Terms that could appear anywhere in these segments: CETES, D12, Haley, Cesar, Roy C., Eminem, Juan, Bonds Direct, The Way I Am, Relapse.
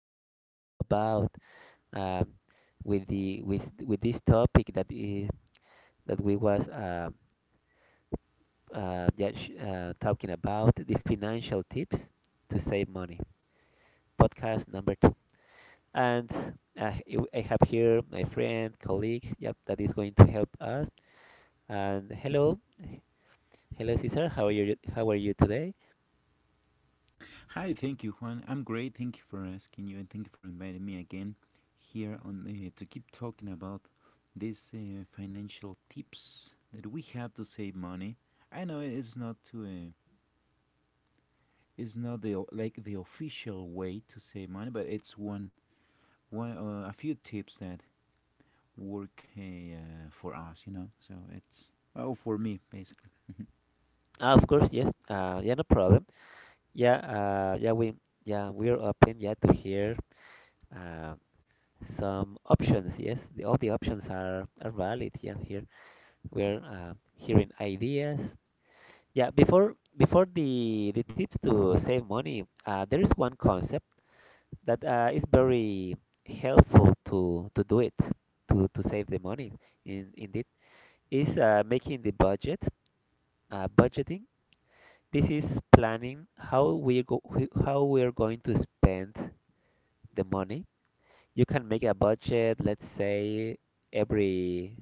to continue about um, with the with this topic that is that we was just talking about the financial tips to save money. Podcast number two, and I have here my friend, colleague, yep, that is going to help us. And hello, Cesar. How are you? How are you today? Hi, thank you, Juan. I'm great. Thank you for asking you, and thank you for inviting me again here on to keep talking about these financial tips that we have to save money. I know it's not to it's not the like the official way to save money, but it's one, a few tips that work for us, you know. So it's for me basically. Ah, of course, yes. Yeah, no problem. Yeah, uh, yeah, we yeah we're open, yeah, to hear uh, some options. Yes, all the options are valid. Yeah, here we're hearing ideas. Yeah, before the tips to save money, there is one concept that is very helpful to do it to save the money. In Indeed, is making the budget, budgeting. This is planning how we go, how we're going to spend the money. You can make a budget, let's say, every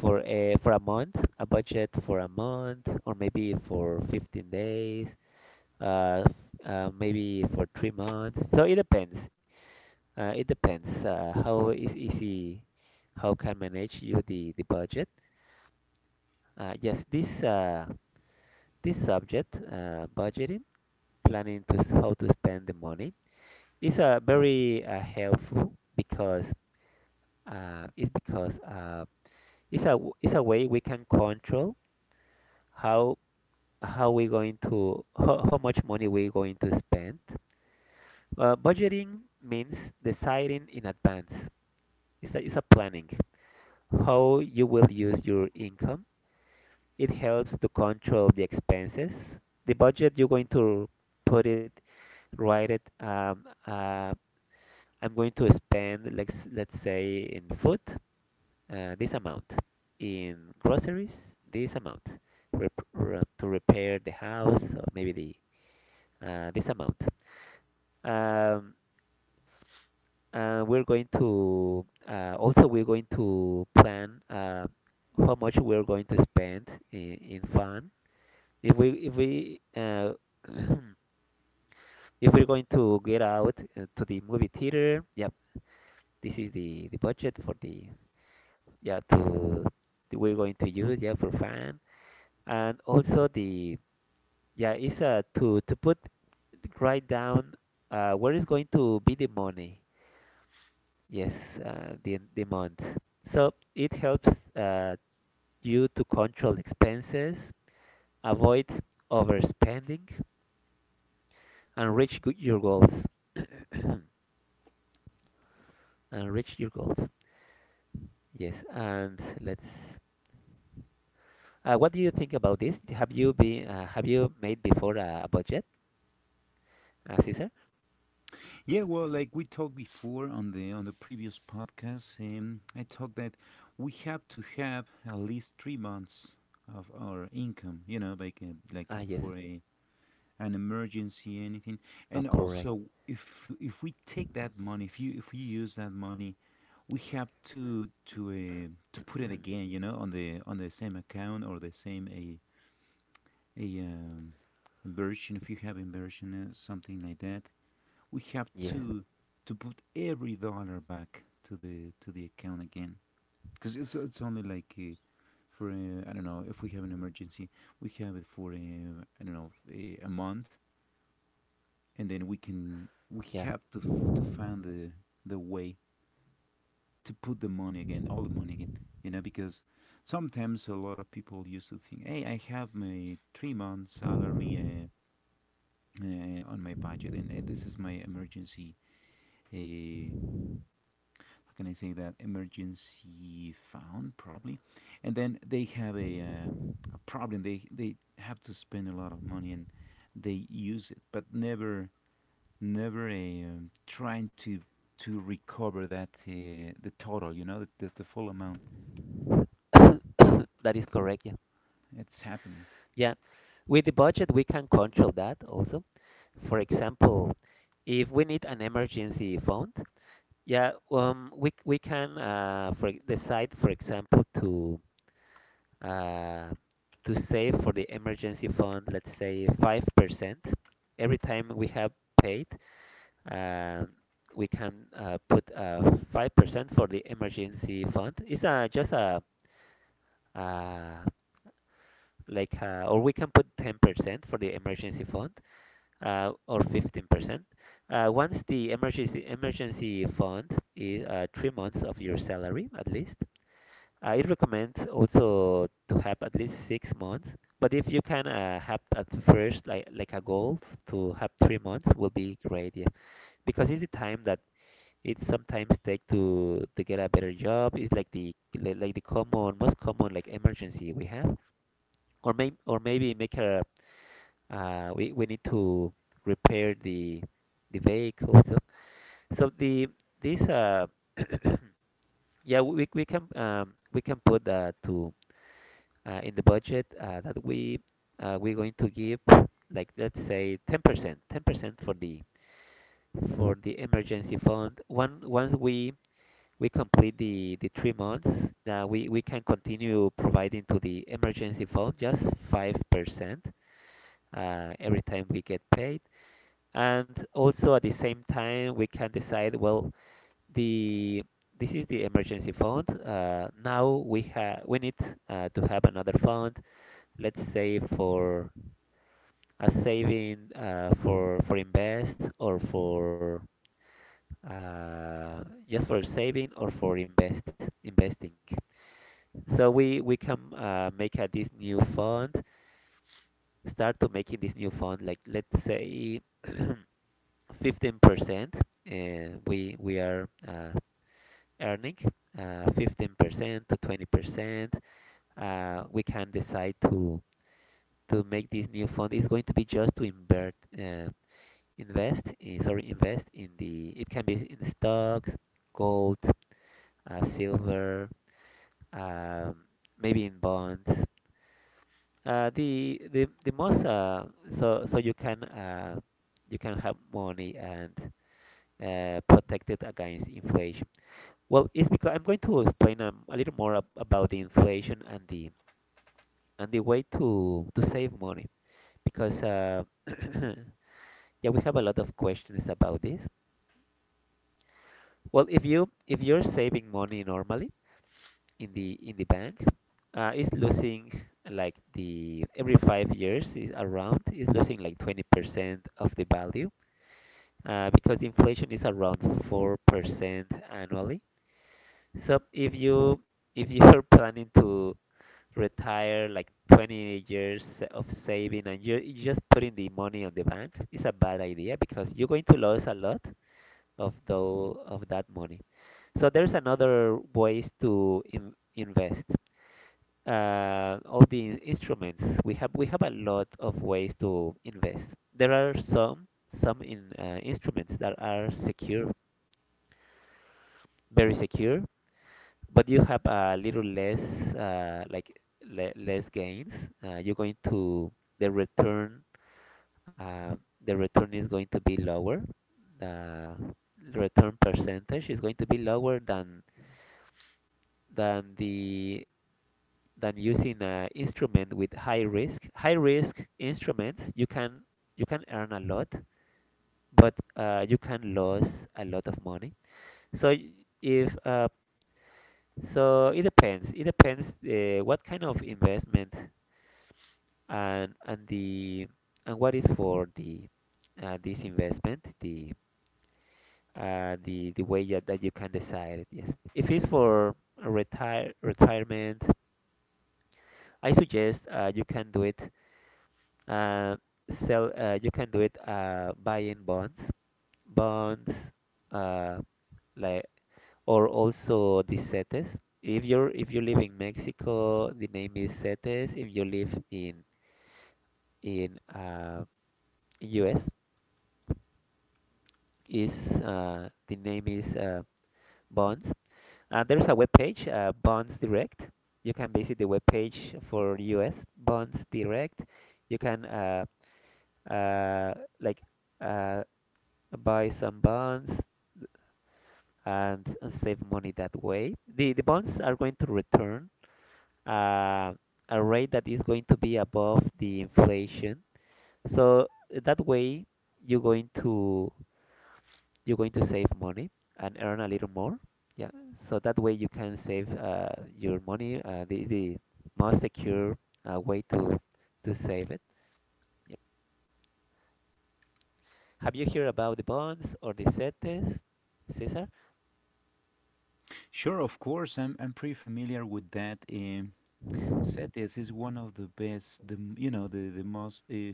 for a month, a budget for a month, or maybe for 15 days, uh, f- maybe for 3 months. So it depends. It depends how is easy, how can manage you the budget. Yes, this subject, budgeting, planning to how to spend the money, is very helpful because uh, it's because. Uh, it's a it's a way we can control how how we going to how much money we going to spend. Budgeting means deciding in advance. It's a planning how you will use your income. It helps to control the expenses. The budget you're going to put it, write it. I'm going to spend, let's say, in food, this amount. In groceries, this amount. To repair the house, or maybe the this amount. Um, we're going to also we're going to plan how much we're going to spend in fun. If we if we're going to get out to the movie theater, yep, this is the budget for the yeah to that we're going to use, yeah, for fun and also the. Yeah, it's to put right down where is going to be the money. Yes, the month. So it helps uh, you to control expenses, avoid overspending, and your goals. and reach your goals. Yes, and let's. What do you think about this? Have you made before a budget, Cesar? Yeah, well, like we talked before on the previous podcast, I talked that we have to have at least 3 months of our income, you know, Ah, yes, for a an emergency, anything. And correct. also, if we take that money, if you use that money, we have to to put it again, you know, on the same account or the same a inversion. If you have inversion something like that, we have yes, to put every dollar back to the account again, because it's only like for I don't know, if we have an emergency, we have it for I don't know, a month, and then we yeah, have to to find the way to put the money again, all the money again, you know, because sometimes a lot of people used to think, hey, I have my 3 month salary on my budget, and this is my emergency uh, how can I say that, emergency fund probably, and then they have a problem. They have to spend a lot of money and they use it, but never, trying to recover that, the total. You know, the, full amount. that is correct. Yeah. It's happening. Yeah, with the budget, we can control that also. For example, if we need an emergency fund, yeah, we can for decide, for example, uh, to save for the emergency fund, let's say 5% every time we have paid. Uh, we can put 5% for the emergency fund. It's just a uh, like or we can put 10% for the emergency fund, or 15%. Once the emergency fund is 3 months of your salary at least. It recommends also to have at least 6 months. But if you can have at first like a goal to have 3 months will be great, yeah. Because it's the time that it sometimes take to get a better job. It's like the common most common like emergency we have, or maybe make a we need to repair the vehicle, so so the this yeah, we can put that to in the budget that we we're going to give, like, let's say 10% for the emergency fund. One Once we complete the 3 months, we can continue providing to the emergency fund just 5% every time we get paid. And also at the same time we can decide, well, the this is the emergency fund, now we have, we need to have another fund, let's say for a saving, for invest, or for uh, just for saving or for invest, investing. So we can this new fund, start to making this new fund, like let's say 15%. We are Earning 15% to 20%. We can decide to make this new fund is going to be just to invest in, sorry, invest in. The It can be in stocks, gold, silver, um, maybe in bonds. The most so so you can have money and protect it against inflation. Well, it's because I'm going to explain a little more ab about the inflation and the way to save money because yeah, we have a lot of questions about this. Well, if you if you're saving money normally in the bank, it's losing, like, the every 5 years is around, is losing like 20% of the value, because inflation is around 4% annually. So if you if you're planning to retire like 20 years of saving and you just putting the money on the bank is a bad idea because you're going to lose a lot of that money. So there's another ways to invest. All the instruments we have, a lot of ways to invest. There are some in instruments that are secure, very secure, but you have a little less like le less gains. You're going to the return uh, the return is going to be lower. The return percentage is going to be lower than the than using an instrument with high risk. High risk instruments you can earn a lot, but you can lose a lot of money. So y- if so it depends. It depends what kind of investment and the and what is for the this investment. The way that, that you can decide it. Yes, if it's for retirement, I suggest you can do it uh, sell you can do it buying bonds, uh, like or also the CETES. If you're if you live in Mexico, the name is CETES. If you live in in uh, US, is the name is Bonds. There's a web page, Bonds Direct. You can visit the web page for US Bonds Direct. You can uh, like uh, buy some bonds and save money that way. The bonds are going to return uh, a rate that is going to be above the inflation. So that way you're going to, save money and earn a little more. Yeah, so that way you can save your money. The most secure way to save it. Yep. Have you heard about the bonds or the CETES, Cesar? Sure, of course, I'm pretty familiar with that. CETES is one of the best, the you know, the most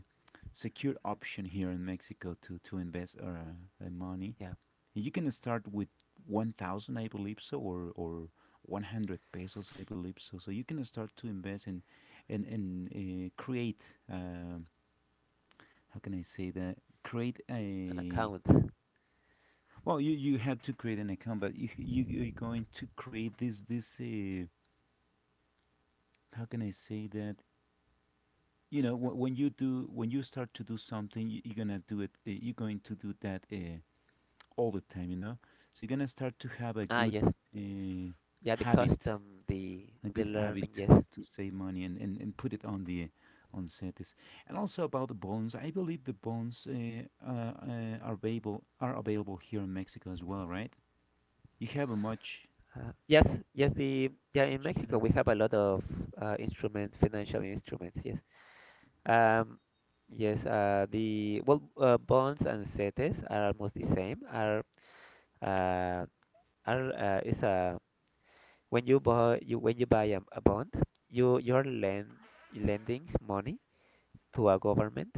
secure option here in Mexico to invest our money. Yeah, You can start with 1,000, I believe so, or 100 pesos, I believe so. So you can start to invest, and create, uh, how can I say that? Create an a, account. well, you have to create an account, but you're going to create this. How can I say that? You know, when you do, when you start to do something, you're gonna do it. You're going to do that all the time. You know, so you're gonna start to have a Ah, good yes. uh, Yeah, the habit, custom, the a good habit learning. to, Yes. Save money, and, and put it on the on sets. And also about the bonds, I believe the bonds are available here in Mexico as well, right? You have a much Uh, yes, yes. The Yeah, in much Mexico we better. have a lot of instrument, financial instruments. Yes. Um, yes, bonds and CETES are almost the same. Uh, are is a When you buy you when you buy a bond, you you're lend lending money to a government.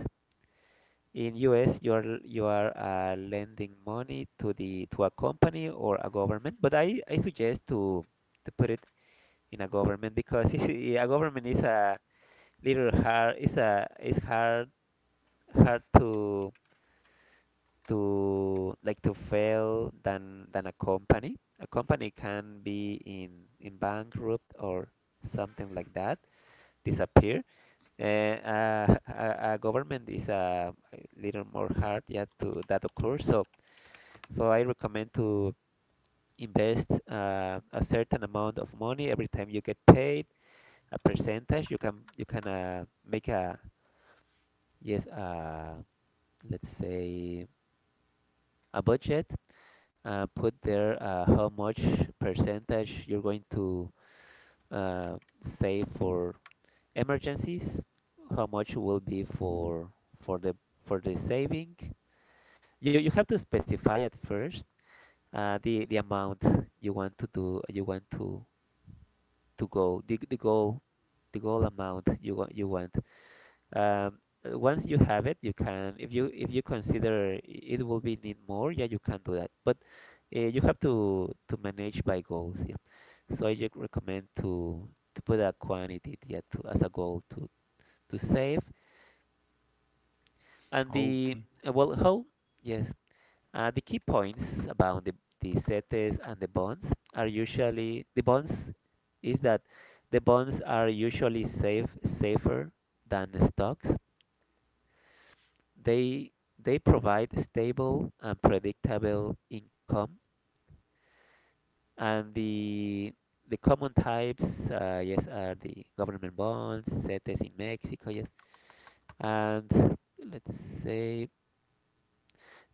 In US, you're you are, lending money to the to a company or a government. But I suggest to put it in a government, because a government is a little hard. Is a is hard Hard to to fail than a company. A company can be in bankrupt or something like that, disappear. And a government is a little more hard yet to that occur. So I recommend to invest a certain amount of money every time you get paid, a percentage. You can make a yes let's say a budget, put there, how much percentage you're going to uh, save for emergencies, how much will be for for the the saving. You have to specify at first the amount you want to do, you want to go the goal amount you want, Um, once you have it. You can, if you consider it will be need more, yeah, you can do that. But you have to manage by goals, yeah. So I just recommend to put a quantity, yeah, to, as a goal, to save. And the Okay. Well, how? Yes, the key points about the CETES and the bonds are usually the bonds is that the bonds are usually safer than the stocks. They they provide stable and predictable income, and the common types, yes, are the government bonds, CETES in Mexico, yes, and let's say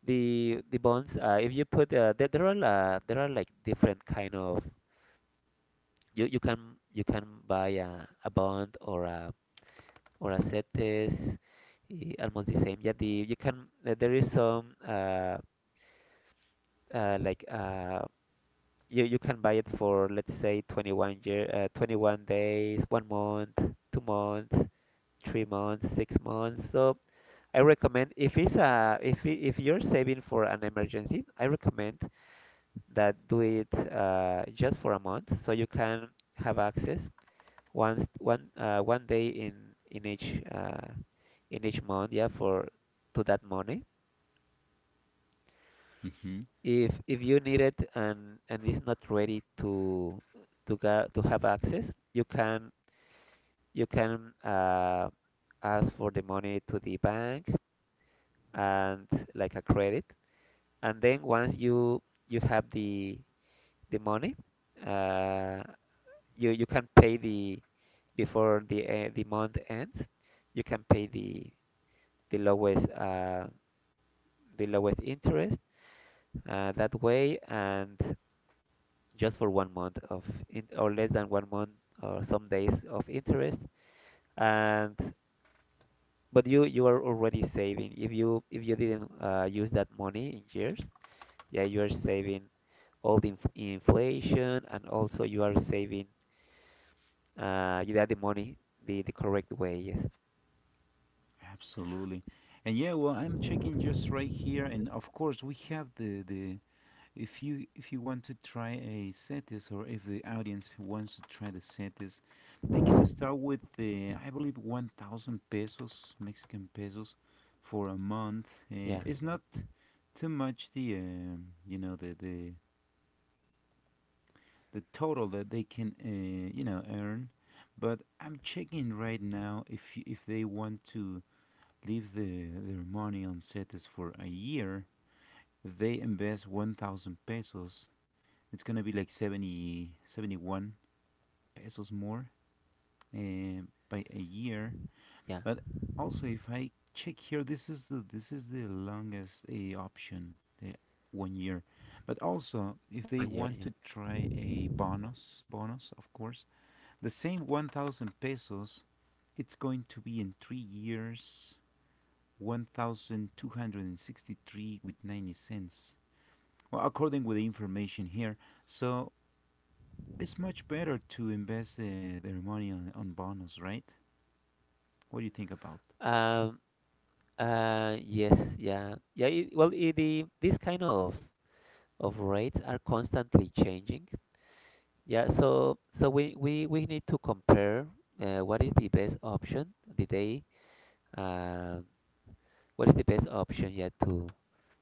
the bonds. If you put there are like different kind of you can buy a bond or a CETES, eh, almost the same. Yeah, the you can there is some uh, like uh, you you can buy it for let's say 21 days, 1 month, 2 months, 3 months, 6 months. So I recommend if it's a if you're saving for an emergency, I recommend that do it just for a month so you can have access once one 1 day in in each uh, in each month, yeah, for to that money. Mhm. If you need it and it's not ready to ga to have access, you can you can uh, ask for the money to the bank and like a credit, and then once you have the money, uh, you you can pay the the month ends. You can pay the lowest the lowest interest that way, and just for 1 month of in, or less than 1 month or some days of interest. And but you are already saving. If you didn't use that money in years, yeah, you are saving all the inflation, and also you are saving you got the money the correct way. Yes. Absolutely. And yeah, well, I'm checking just right here, and of course we have the, if you want to try a setis, or if the audience wants to try the setis, they can start with the, I believe, 1,000 pesos, Mexican pesos, for a month. Yeah. It's not too much, the you know, the total that they can you know, earn. But I'm checking right now, if if they want to leave their money on setis for a year. If they invest 1,000 pesos, it's gonna be like 70, 71 pesos more uh, by a year. Yeah. But also, if I check here, this is the longest option, the one year. But also, if One they year. Yeah. want to try a bonus, of course, the same 1,000 pesos, it's going to be in 3 years. 1,263 with 90 cents, well, according with the information here. So it's much better to invest their money on, bonds, right? What do you think about? Um. Yes. Yeah. Yeah. It, well, it, the this kind of rates are constantly changing. Yeah. So so we need to compare what is the best option the day. Um what is the best option yet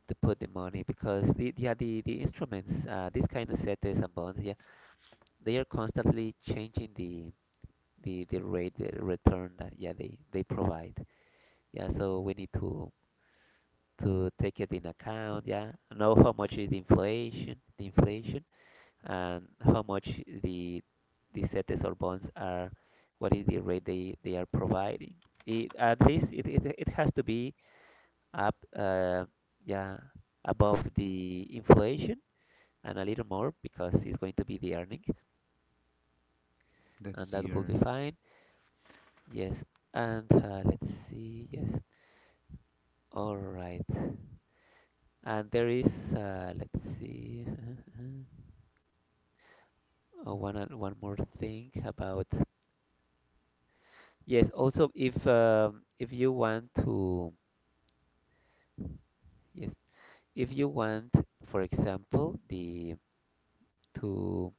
to put the money, because the yeah the instruments, this kind of CETES and bonds, yeah, they are constantly changing the the rate, the return that yeah they provide. Yeah, so we need to take it in account, yeah, know how much is the inflation and how much the CETES or bonds are, what is the rate they are providing. It, at least it has to be up, uh, yeah, above the inflation and a little more, because it's going to be the earning, That's and the that will earning? be fine. Yes, and let's see. Yes, all right. And there is, let's see, oh, one more thing about. Yes, also if you want to, yes, if you want, for example, the to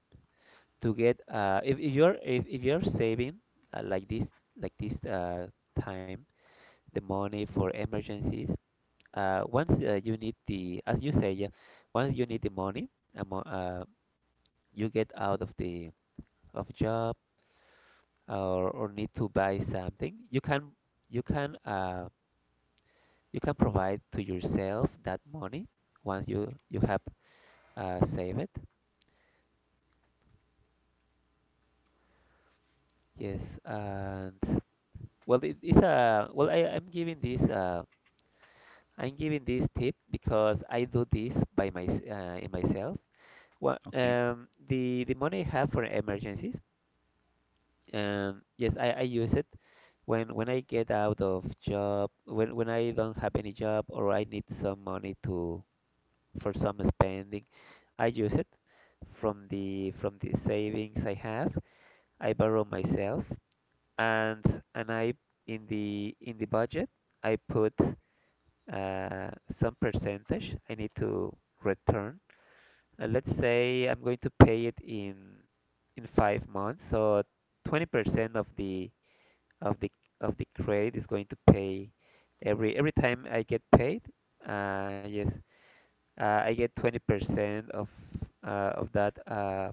to get if you're if you're saving uh, like this like this time, the money for emergencies. Once you need the, as you say, yeah, once you need the money, amo- uh, you get out of the of job, or need to buy something. You can you can uh, you can provide to yourself that money once you have saved it. Yes, and well it is a well I, I'm giving this tip because I do this by my in myself. What Okay, the money I have for emergencies, yes, I use it when I get out of job, when I don't have any job, or I need some money to for some spending, I use it from the savings I have. I borrow myself, and I in the budget I put some percentage I need to return. Let's say I'm going to pay it in 5 months, so 20% of the of the of the credit is going to pay every time I get paid. Uh, yes, I get 20% uh, of that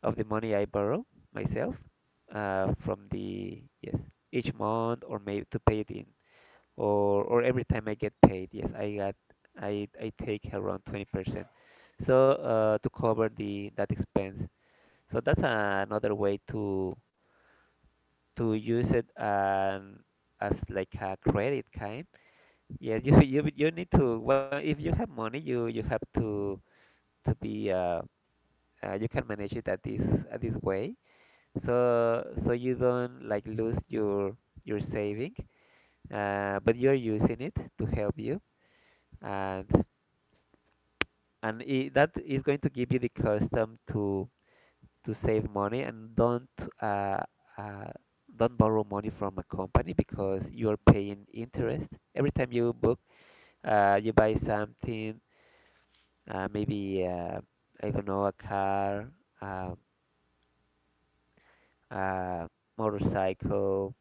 of the money I borrow myself from the yes each month, or maybe to pay it in or every time I get paid, yes, I got I take around 20%. So to cover the that expense. So that's another way to use it, as like a credit kind. Yes, you you need to, well, if you have money, you have to be you can manage it at this way. So so you don't like lose your saving, but you're using it to help you, and and I that is going to give you the custom to save money and uh, uh, don't borrow money from a company, because you are paying interest every time you book you buy something. Maybe I don't know, a car, uh, uh, motorcycle,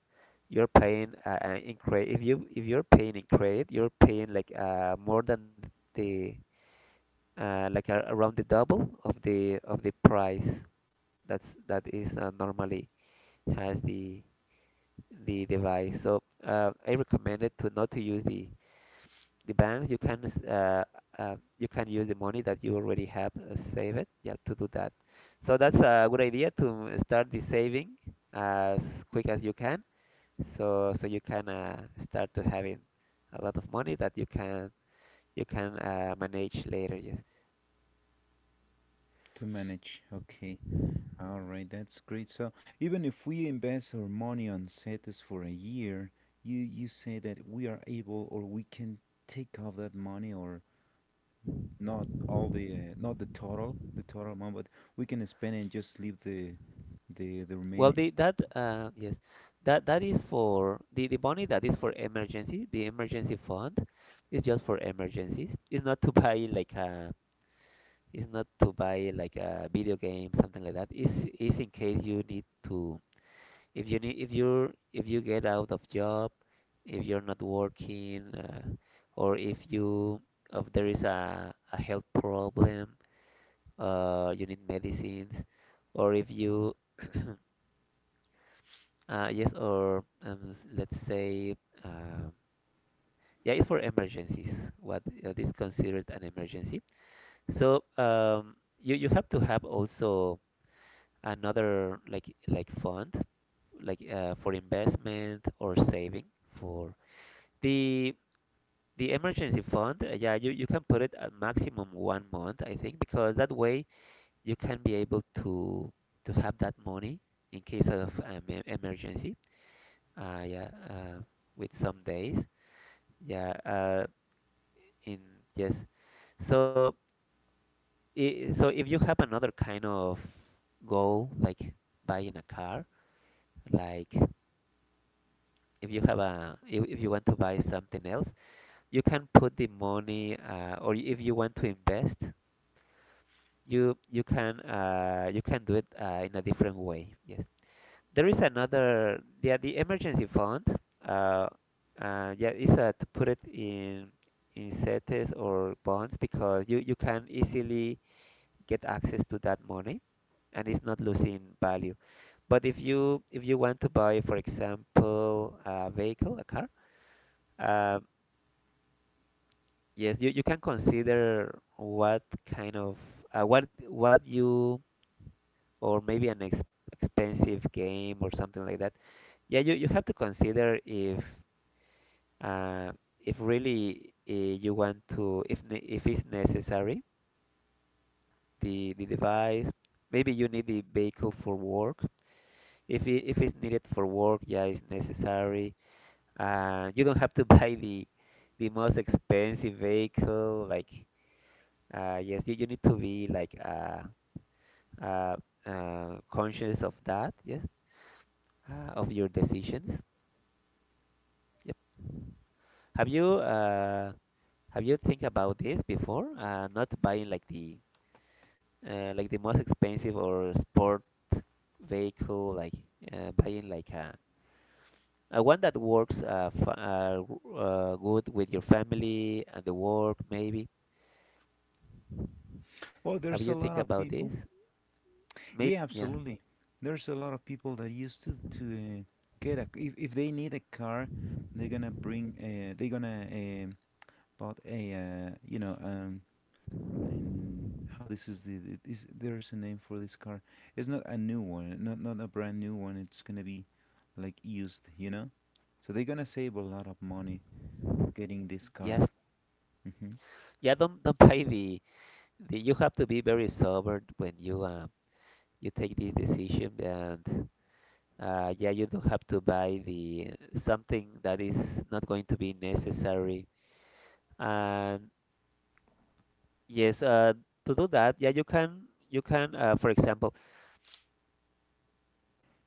you're paying in credit. If you if you're paying in credit, you're paying like more than the like a, around the double of the price. That's that is normally has the device. So I recommend it to not to use the banks. You can you can use the money that you already have, save it. Yeah, to do that. So that's a good idea to start the saving as quick as you can. So so you can start to having a lot of money that you can manage later. Yes. to manage. Okay, all right, that's great. So even if we invest our money on CETES for a year, you say that we are able, or we can take off that money, or not all the, not the total amount, but we can spend and just leave the Well, remaining. the that So, yes, that that is for the money that is for emergency. The emergency fund is just for emergencies. It's not to buy like a, it's not to buy like a video game, something like that. It's in case you need to, if you need, if you're if you get out of job, if you're not working, or if you if there is a health problem, you need medicines, or if you yes, or let's say, uh, yeah, it's for emergencies. What is considered an emergency? So you you have to have also another like fund, like for investment or saving for the the emergency fund. Yeah, you can put it at maximum 1 month, I think, because that way you can be able to have that money in case of emergency. Uh, yeah, uh, with some days. Yeah, in yes. So, so if you have another kind of goal, like buying a car, like if you have a, if you want to buy something else, you can put the money, or if you want to invest, you you can do it in a different way. Yes, there is another. Yeah, the emergency fund. Uh, yeah, is to put it in CETES or bonds, because you can easily get access to that money, and it's not losing value. But if you want to buy, for example, a vehicle, a car, uh, yes, you can consider what kind of what you, or maybe an ex expensive game or something like that. Yeah, you have to consider uh, if really you want to, if it's necessary, the device. Maybe you need the vehicle for work. If it, if it's needed for work, yeah, it's necessary. You don't have to buy the most expensive vehicle. Like, yes, you need to be like uh, conscious of that. Yes, of your decisions. Yep. Have you uh, have you think about this before? Not buying like the most expensive or sport vehicle, like buying like a one that works f good with your family and the work, maybe. well, Have there's a you lot think of about this? people. Maybe, Yeah, yeah, absolutely. There's a lot of people that used to get a, if they need a car, they're gonna bought a, you know, and how, this is the it is, there's a name for this car. It's not a new one, not a brand new one. It's gonna be like used, you know. So they're gonna save a lot of money getting this yes, car. Mm-hmm. yeah. Don't buy the, the. You have to be very sober when you you take this decision, and yeah, you don't have to buy the something that is not going to be necessary. And yes, to do that, yeah, you can for example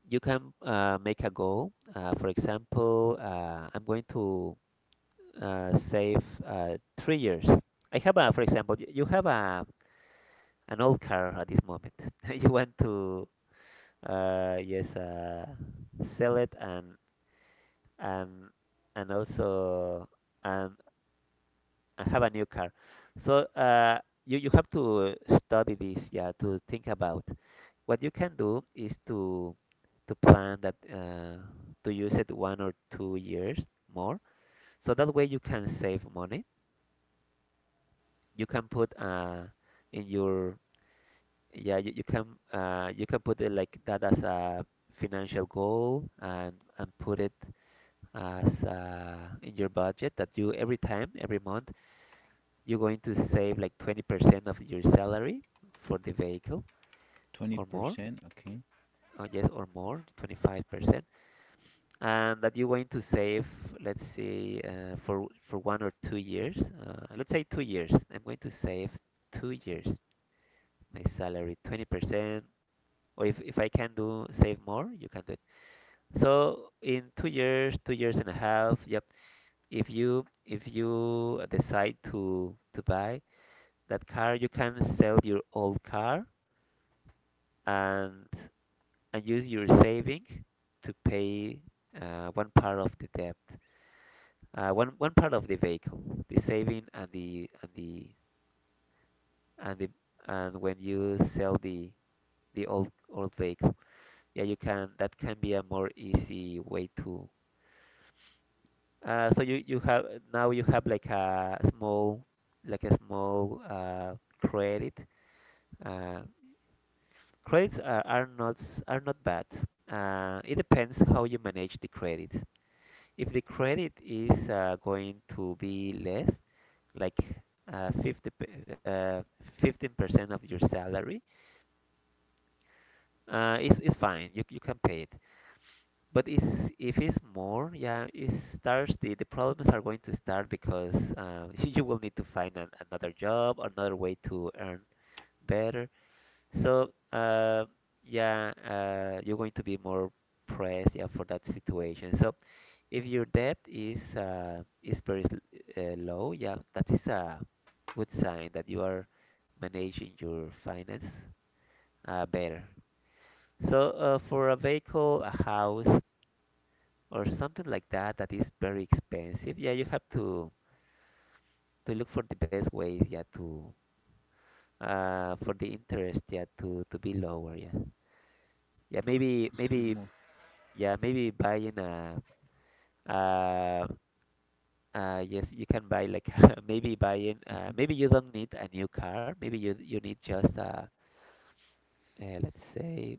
you can make a goal. For example, I'm going to save 3 years. I have a, for example, you have a an old car at this moment. You want to uh, yes uh, sell it and and and also and and have a new car. So you you have to study this, yeah, to think about. What you can do is to plan that to use it 1 or 2 years more. So that way you can save money, you can put in your… yeah you, you can you can put it like that as a financial goal, and put it as in your budget that you every time, every month you're going to save like 20% of your salary for the vehicle Twenty or more. percent, okay. Oh yes, or more, 25%. And that you're going to save, let's say for 1 or 2 years. Let's say 2 years, I'm going to save 2 years my salary 20%. Or if I can do save more, you can do it. So in 2 years, 2 years and a half, yep. If you decide to buy that car, you can sell your old car and and use your saving to pay one part of the debt, one part of the vehicle, the saving, and the and the and the, and when you sell the old old vehicle, yeah, you can. That can be a more easy way to… so you have now you have like a small, like a small credit. Uh, Credits are not are not bad. It depends how you manage the credit. If the credit is going to be less, like uh, 50 pe- uh, 15% of your salary, it's fine. You can pay it. But is, if it's more, yeah, it starts the problems are going to start, because you will need to find an, another job, another way to earn better. So yeah, you're going to be more pressed, yeah, for that situation. So if your debt is very low, yeah, that is a good sign that you are managing your finance better. So for a vehicle, a house, or something like that that is very expensive, yeah, you have to look for the best ways, yeah, to for the interest, yeah, to be lower, yeah, yeah, maybe Save maybe more. yeah, maybe buying a… uh yes, you can buy like maybe buying Mm-hmm. maybe you don't need a new car, maybe you need just a… let's say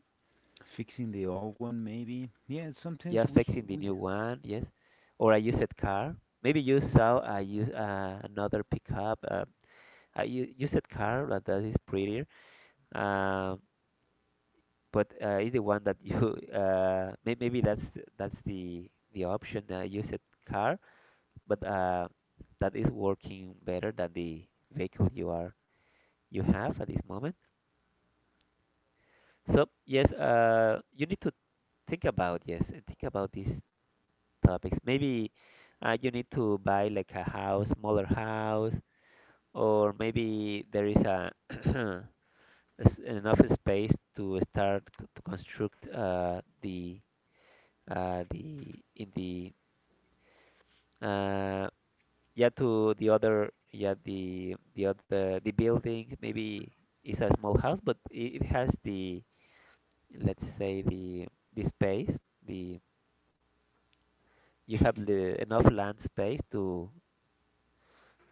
Fixing the old one, maybe. Yeah, yeah, sometimes we, fixing the we. new one, yes, or a used car. Maybe you saw a use another pickup, used car that is prettier. Um, but is the one that you maybe that's that's the option, used car, but that is working better than the vehicle you are, you have at this moment. So yes, you need to think about, yes, and think about these topics. Maybe you need to buy like a house, smaller house, or maybe there is a enough space to start to construct the in the uh, yeah to the other, yeah, the other, the building, maybe is a small house, but it has the, let's say the space, the… you have the enough land space to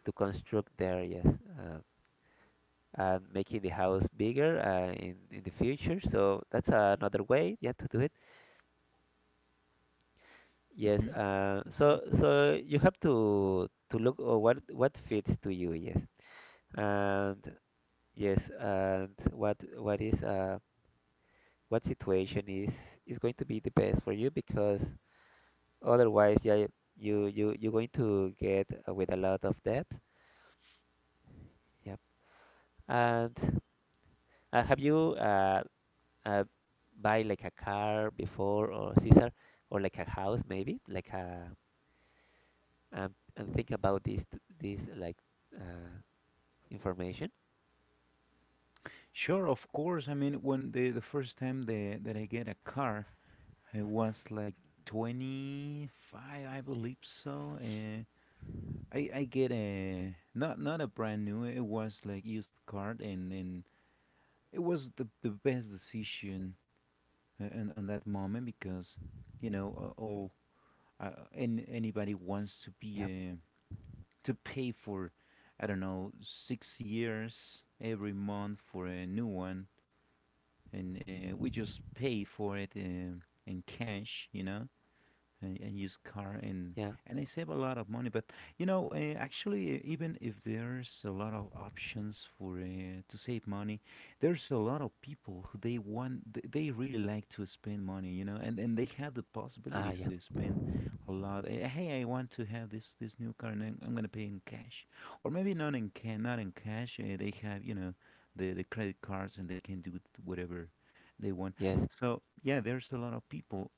construct there, yes. uh, and making the house bigger in the future, so that's another way, yeah, to do it. Yes, Hmm. You see? so so you have to look what fits to you, yes. And yes, and what is what situation is going to be the best for you, because otherwise, yeah, you you're going to get with a lot of debt. Yep. And have you uh buy like a car before, or Caesar, or like a house, maybe like a… and think about this this like uh information. Sure, of course. I mean, when the first time, that I get a car, I was like 25, I believe so. I get a, not a brand new. It was like used car, and it was the best decision on that moment, because, you know, all, and anybody wants to be Yep. To pay for, I don't know, 6 years every month for a new one, and we just pay for it in cash, you know, a used car, and Yeah. I save a lot of money. But you know, actually, even if there's a lot of options for to save money, there's a lot of people who they want, they really like to spend money. You know, and they have the Ah, possibilities yeah. to spend a lot. Eh, hey, I want to have this new car, and I'm gonna pay in cash, or maybe not in, can not in cash. They have, you know, the credit cards, and they can do whatever they want. Yes. So yeah, there's a lot of people,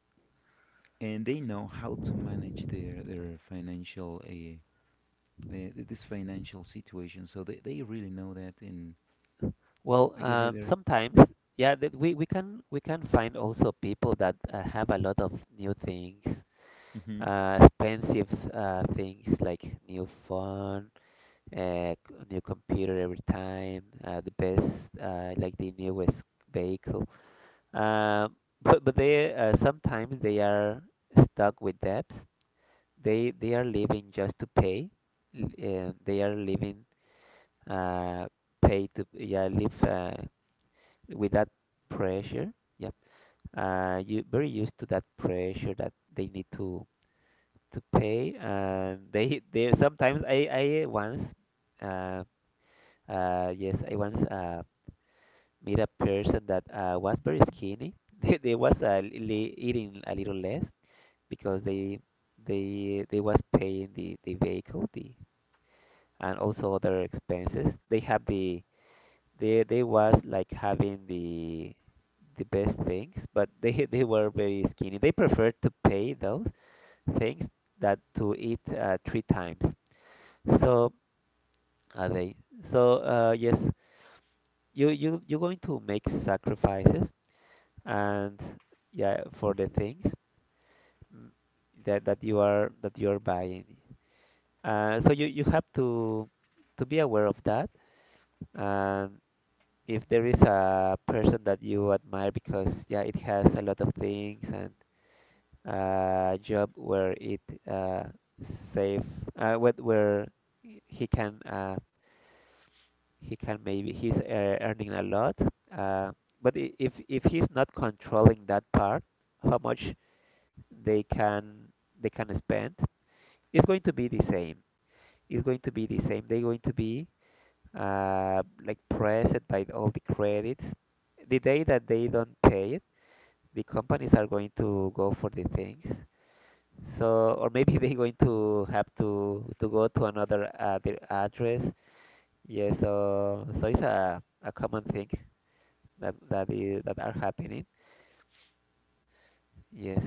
and they know how to manage their financial, this financial situation. So they, really know that, and Well, like I say, they're. sometimes, yeah, that we can find also people that have a lot of new things, Hmm. Expensive things like new phone, uh, c- new computer every time, the best, like the newest vehicle. Um, but they sometimes they are stuck with debts. They are living just to pay. They are living uh, pay to, yeah, live with that pressure. Yep. You very used to that pressure that they need to pay, and they sometimes I once uh yes, I once met a person that was very skinny. They was li eating a little less because they was paying the vehicle, the, and also other expenses. They have the, they was like having the best things, but they they were very skinny. They preferred to pay those things that to eat three times. So are they? So yes, you you're going to make sacrifices, and yeah, for the things, mm, that that you are, that you are buying. So you have to be aware of that, and. If there is a person that you admire because, yeah, it has a lot of things, and a job where it uh save where he can he can, maybe he's earning a lot, uh but if he's not controlling that part, how much they can, they can spend, it's going to be the same, it's going to be the same, they're going to be like pressed by all the credits, the day that they don't pay, big companies are going to go for the things. So, or maybe they're going to have to go to another their address. Yeah, so so it's a common thing that that is, that are happening. Yes,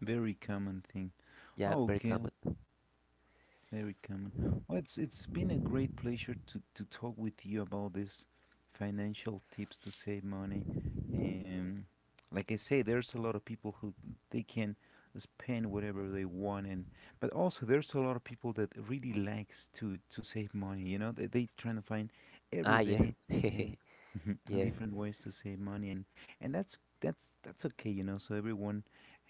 Very common thing. yeah, Oh, very okay. common. Very common. Well, it's been a great pleasure to talk with you about these financial tips to save money. Um, like I say, there's a lot of people who they can spend whatever they want, and but also there's a lot of people that really likes to save money. You know, they trying to find every Ah, yes, day. Uh, yes, different ways to save money, and that's that's okay, you know, so everyone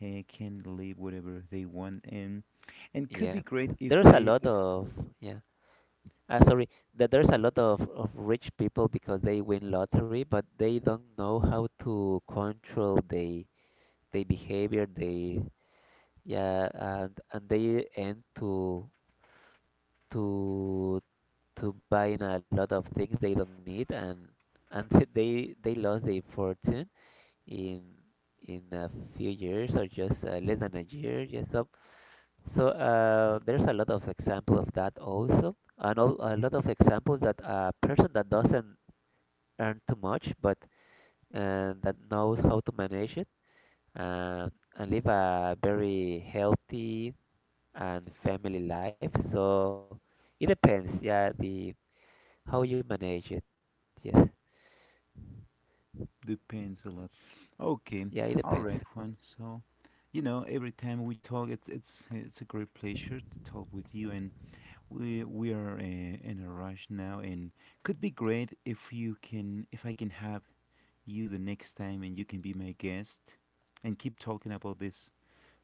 can live whatever they want, and could yeah. be great if There's a the. lot of, yeah. Ah, sorry, that there's a lot of rich people because they win lottery, but they don't know how to control they behavior, they… Yeah, and they end to to to buying a lot of things they don't need, and they lost their fortune in in a few years, or just less than a year. Yes, so so there's a lot of example of that also, and a lot of examples that a person that doesn't earn too much, but that knows how to manage it, uh, and live a very healthy and family life. So it depends, yeah, the how you manage it. Yes, Depends a lot. yeah, it depends. Okay, all right, Juan. So, you know, every time we talk, it's a great pleasure to talk with you, and we are in a rush now, and could be great if you can, if I can have you the next time, and you can be my guest, and keep talking about these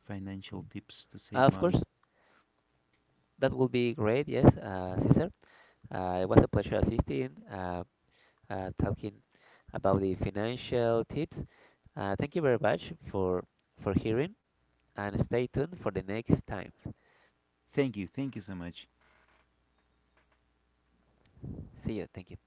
financial tips to save Of money. course, that will be great. Yes, Cesar, it was a pleasure assisting, talking about the financial tips. Thank you very much for hearing, and stay tuned for the next time. Thank you so much. See you. Thank you.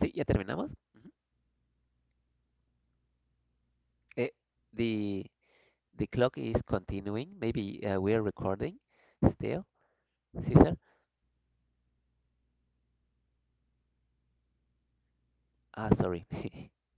Sí, ya terminamos. Ujú. Eh, the the clock is continuing. Maybe we are recording still, Cesar. Ah, sorry.